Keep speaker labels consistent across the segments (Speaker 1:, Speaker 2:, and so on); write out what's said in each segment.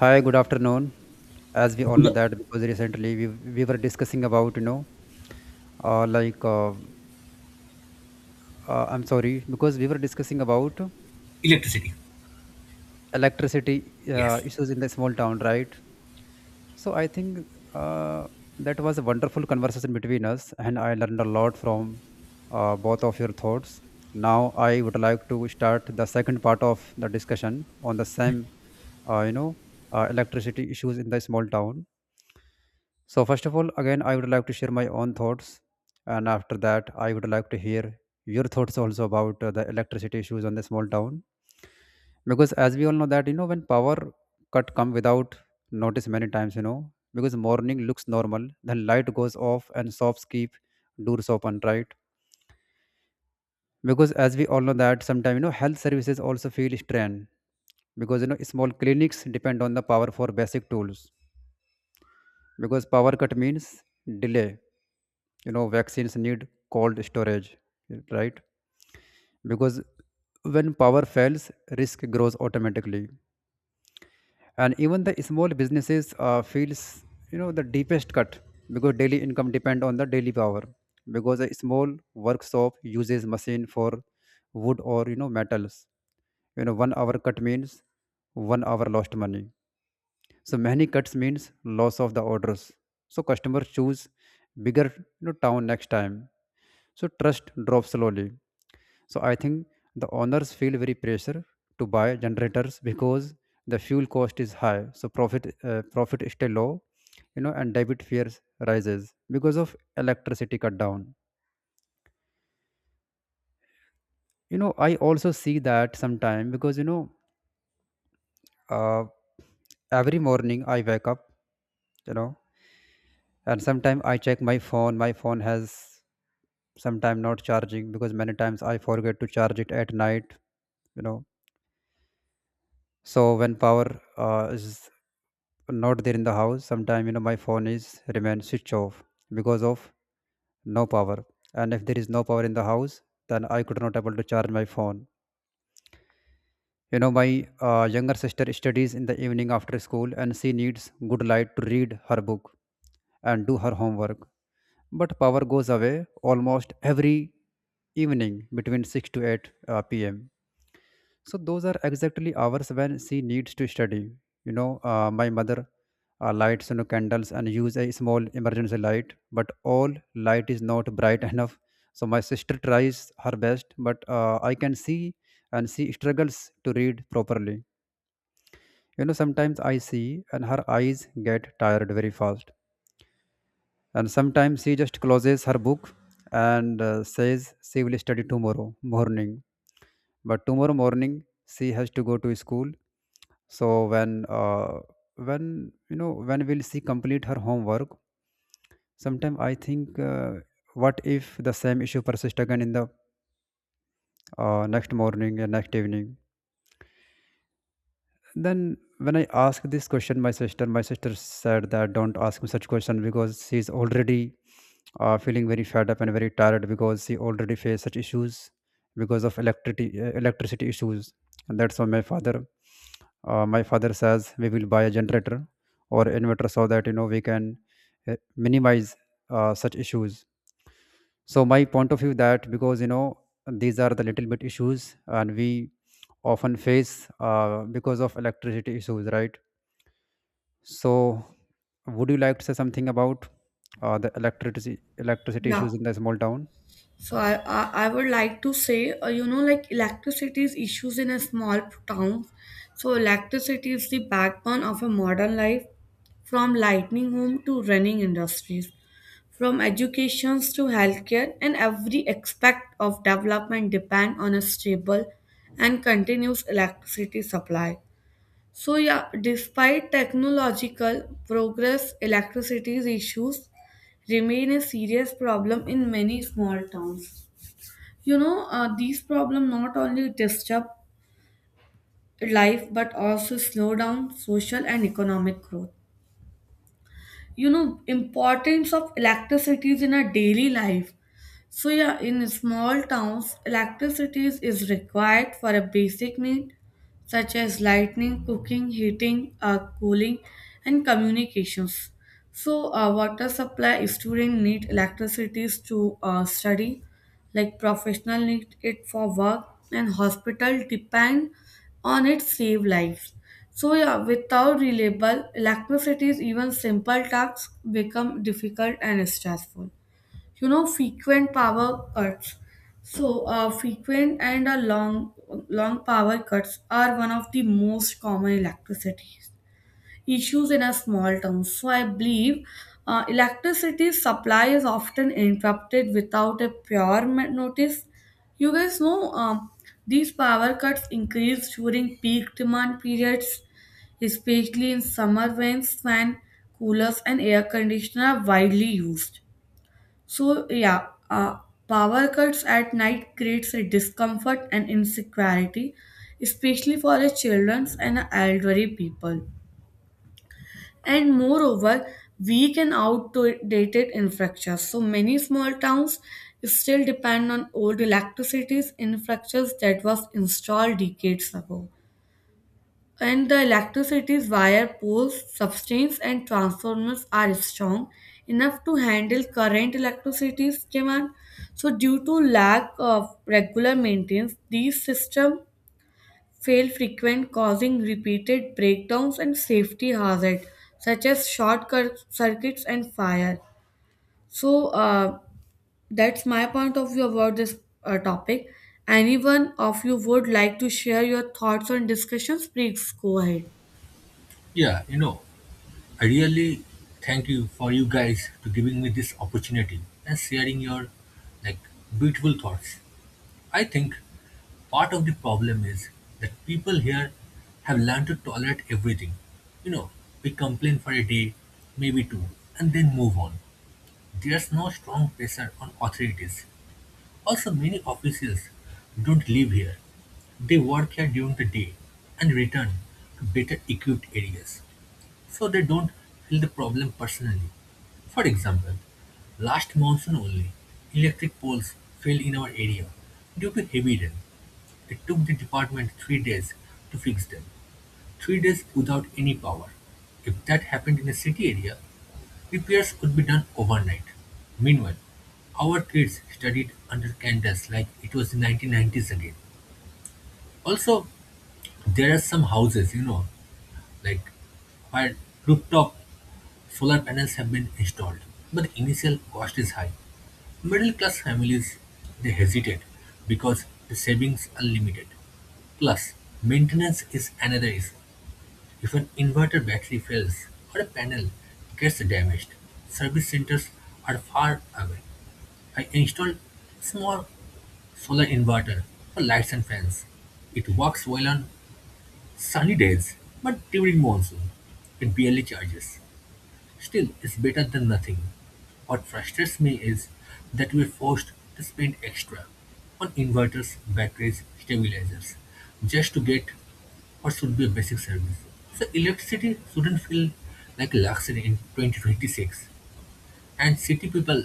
Speaker 1: Hi, good afternoon. As we all know
Speaker 2: Yeah.
Speaker 1: that because recently we were discussing about like I'm sorry because we were discussing about
Speaker 2: Electricity.
Speaker 1: electricity
Speaker 2: Yes.
Speaker 1: issues in the small town, right? So I think uh, that was a wonderful conversation between us, and I learned a lot from both of your thoughts. Now I would like to start the second part of the discussion on the same uh, you know electricity issues in the small town. So, first of all, again, I would like to share my own thoughts. And after that, I would like to hear your thoughts also about the electricity issues on the small town. Because as we all know that, when power cut come without notice many times, because morning looks normal, then light goes off and shops keep doors open, right? Because as we all know that sometimes, health services also feel strain because, small clinics depend on the power for basic tools because power cut means delay. Vaccines need cold storage, right? Because when power fails risk grows automatically, and even the small businesses feels the deepest cut because daily income depend on the daily power, because a small workshop uses machine for wood or metals. One hour cut means 1 hour lost money. So many cuts means loss of the orders. So customers choose bigger, town next time. So trust drops slowly. So I think the owners feel very pressure to buy generators because the fuel cost is high. So profit, profit is still low, and debit fears rises because of electricity cut down. I also see that sometime because uh, every morning I wake up, you know, and sometime I check my phone. My phone has sometime not charging because many times I forget to charge it at night, you know so when power is not there in the house sometime, my phone is remain switch off because of no power. And if there is no power in the house, then I could not able to charge my phone. My younger sister studies in the evening after school, and she needs good light to read her book and do her homework, but power goes away almost every evening between 6 to 8 p.m. So those are exactly hours when she needs to study. My mother lights candles and use a small emergency light, but all light is not bright enough. So my sister tries her best, but I can see and she struggles to read properly. Sometimes I see and her eyes get tired very fast, and sometimes she just closes her book and says she will study tomorrow morning. But tomorrow morning she has to go to school. So when you know when will she complete her homework? Sometimes I think, what if the same issue persists again in the next morning and next evening? Then when I asked this question, my sister, said that don't ask me such question because she's already feeling very fed up and very tired because she already faced such issues because of electricity, electricity issues. And that's why my father, my father says we will buy a generator or inverter so that we can minimize such issues. So my point of view that because these are the little bit issues, and we often face because of electricity issues, right? So would you like to say something about the electricity
Speaker 3: Yeah.
Speaker 1: issues in the small town?
Speaker 3: So I would like to say, you know, like electricity is issues in a small town. So electricity is the backbone of a modern life, from lightning home to running industries, from educations to healthcare, and every aspect of development depend on a stable and continuous electricity supply. So yeah, despite technological progress, electricity's issues remain a serious problem in many small towns. You know, these problems not only disturb life but also slow down social and economic growth. You know, importance of electricity in our daily life. So yeah, in small towns, electricity is required for a basic need such as lighting, cooking, heating, cooling, and communications. So water supply students need electricity to study, like professional need it for work, and hospital depend on it save lives. So yeah, without reliable electricity, even simple tasks become difficult and stressful. Frequent power cuts, so frequent and a long power cuts are one of the most common electricity issues in a small town. So I believe electricity supply is often interrupted without a prior notice. You guys know. These power cuts increase during peak demand periods, especially in summer when fan, coolers, and air conditioner are widely used. So yeah, power cuts at night creates a discomfort and insecurity, especially for the childrens and elderly people. And moreover, weak and outdated infrastructure. So many small towns still depend on old electricity infrastructures that was installed decades ago and the electricity's wire poles, substrates, and transformers are strong enough to handle current electricity's demand. So, due to lack of regular maintenance, these systems fail frequent, causing repeated breakdowns and safety hazards such as short circuits and fire. So, that's my point of view about this topic. Anyone of you would like to share your thoughts on discussions? Please go ahead.
Speaker 2: Yeah, you know, I really thank you for you guys to giving me this opportunity and sharing your like beautiful thoughts. I think part of the problem is that people here have learned to tolerate everything. You know, we complain for a day, maybe two, and then move on. There's no strong pressure on authorities. Also, many officials don't live here. They work here during the day and return to better equipped areas, so they don't feel the problem personally. For example, last monsoon only, electric poles fell in our area due to heavy rain. It took the department 3 days to fix them. 3 days without any power. If that happened in a city area, repairs could be done overnight. Meanwhile, our kids studied under candles like it was the 1990s again. Also, there are some houses, you know, like where rooftop solar panels have been installed, but the initial cost is high. Middle class families, they hesitate because the savings are limited. Plus, maintenance is another issue. If an inverter battery fails or a panel gets damaged, service centers are far away. I installed small solar inverter for lights and fans. It works well on sunny days, but during monsoon, it barely charges. Still, it's better than nothing. What frustrates me is that we're forced to spend extra on inverters, batteries, stabilizers, just to get what should be a basic service. So electricity shouldn't feel like a luxury in 2026. And city people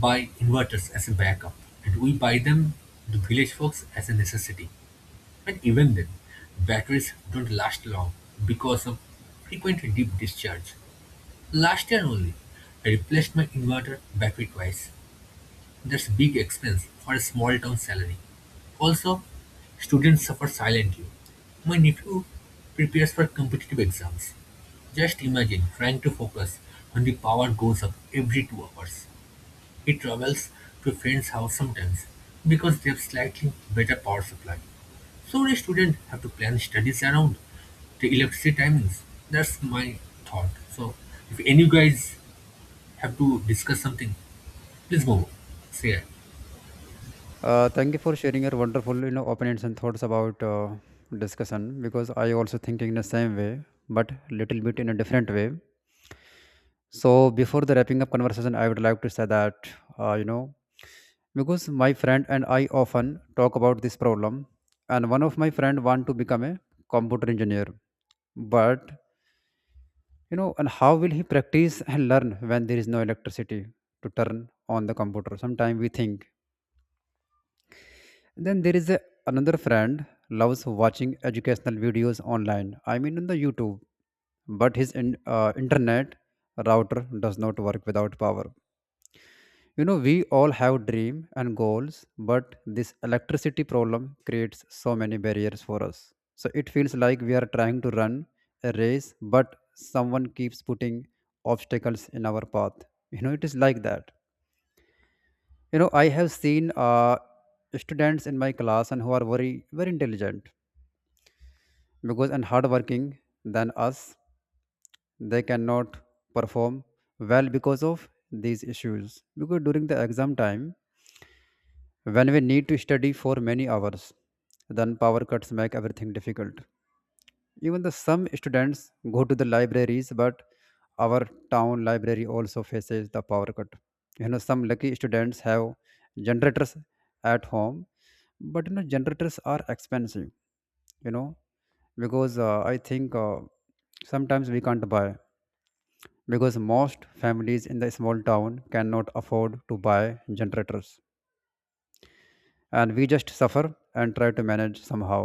Speaker 2: buy inverters as a backup, and we buy them, the village folks, as a necessity. And even then, batteries don't last long because of frequent deep discharge. Last year only, I replaced my inverter battery twice. That's big expense for a small town salary. Also, students suffer silently. My nephew prepares for competitive exams. Just imagine trying to focus when the power goes up every 2 hours. He travels to a friend's house sometimes because they have slightly better power supply. So the students have to plan studies around the electricity timings. That's my thought. So if any guys have to discuss something? Please go on. Say,
Speaker 1: Thank you for sharing your wonderful, opinions and thoughts about discussion because I also think in the same way, but little bit in a different way. So before the wrapping up conversation, I would like to say that uh, you know because my friend and I often talk about this problem, and one of my friend want to become a computer engineer, but and how will he practice and learn when there is no electricity to turn on the computer? Sometimes we think. Then there is another friend loves watching educational videos online. I mean on the YouTube, but his internet router does not work without power. We all have dream and goals, but this electricity problem creates so many barriers for us. So it feels like we are trying to run a race, but someone keeps putting obstacles in our path. It is like that. I have seen students in my class and who are very, very intelligent because and hardworking than us. They cannot perform well because of these issues. Because during the exam time, when we need to study for many hours, then power cuts make everything difficult. Even the some students go to the libraries, but our town library also faces the power cut. Some lucky students have generators at home, but generators are expensive. You know, because I think sometimes we can't buy, because most families in the small town cannot afford to buy generators, and we just suffer and try to manage somehow,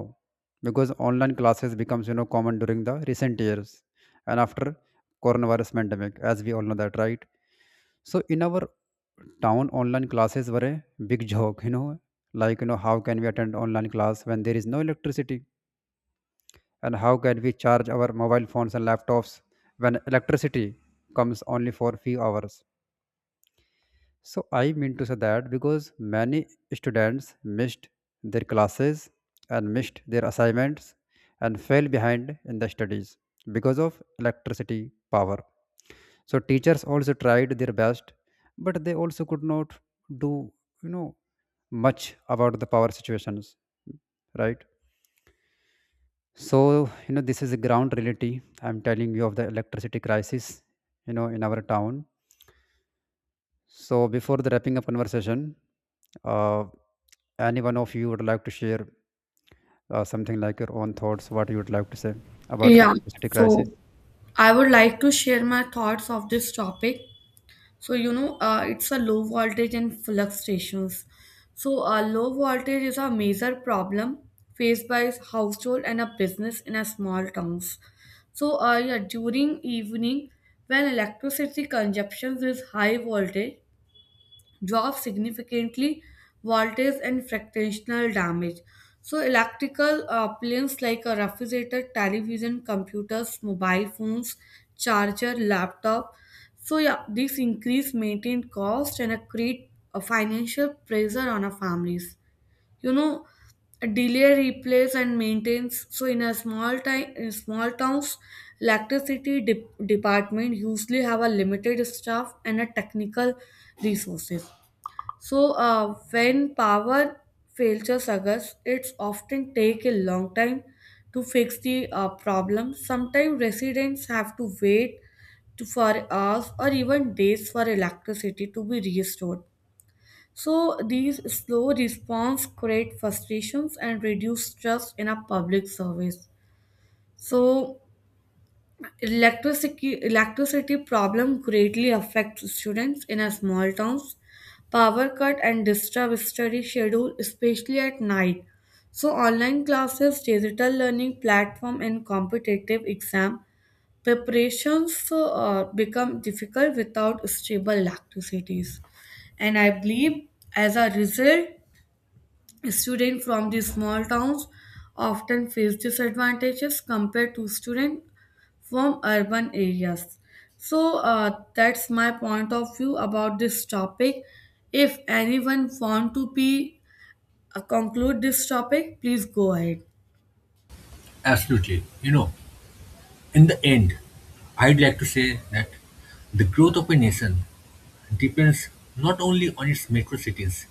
Speaker 1: because online classes becomes common during the recent years and after coronavirus pandemic, as we all know that, right? So in our town online classes were a big joke, like, how can we attend online class when there is no electricity, and how can we charge our mobile phones and laptops when electricity comes only for few hours? So I mean to say that because many students missed their classes and missed their assignments and fell behind in the studies because of electricity power. So teachers also tried their best, but they also could not do you know much about the power situations, right? So this is a ground reality I'm telling you of the electricity crisis in our town. So before the wrapping up conversation, uh, any one of you would like to share something like your own thoughts what you would like to say about
Speaker 3: Um,
Speaker 1: electricity
Speaker 3: So,
Speaker 1: crisis?
Speaker 3: I would like to share my thoughts of this topic. So, you know, it's a low voltage and fluctuations. So, low voltage is a major problem faced by household and a business in a small towns. So, yeah, during evening when electricity consumption is high voltage, drop significantly voltage and fractional damage. So, electrical appliances like a refrigerator, television, computers, mobile phones, charger, laptop. So, yeah, this increase maintained cost and a create a financial pressure on our families. You know, delay replace and maintains. So, in a small time, in small towns, electricity department usually have a limited staff and a technical resources. So, when power failures occurs, it's often take a long time to fix the problem. Sometimes residents have to wait to, for hours or even days for electricity to be restored. So, these slow response create frustrations and reduce trust in a public service. So, electricity problem greatly affects students in a small towns. Power cut and disturb study schedule, especially at night. So online classes, digital learning platform, and competitive exam preparations become difficult without stable electricities. And I believe as a result, students from the small towns often face disadvantages compared to students from urban areas. So that's my point of view about this topic. If anyone want to be conclude this topic, please go ahead.
Speaker 2: absolutely. You know, in the end, I'd like to say that the growth of a nation depends not only on its metro cities,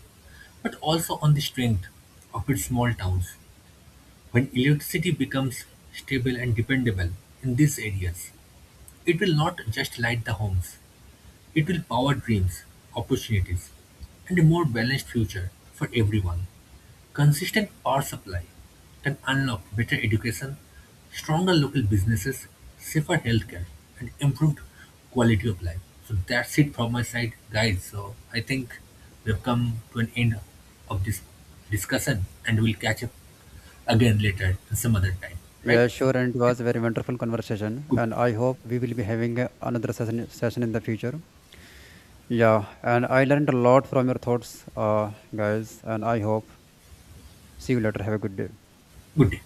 Speaker 2: but also on the strength of its small towns. When electricity becomes stable and dependable in these areas, it will not just light the homes, it will power dreams, opportunities, and a more balanced future for everyone. Consistent power supply can unlock better education, stronger local businesses, safer healthcare, and improved quality of life. So that's it from my side, guys. So I think we've come to an end of this discussion and we'll catch up again later and some other time, right?
Speaker 1: Yeah,
Speaker 2: So
Speaker 1: sure, and it was a very wonderful conversation,
Speaker 2: good,
Speaker 1: and I hope we will be having another session in the future. Yeah, and I learned a lot from your thoughts, guys, and I hope see you later. Have a good day.
Speaker 2: good day.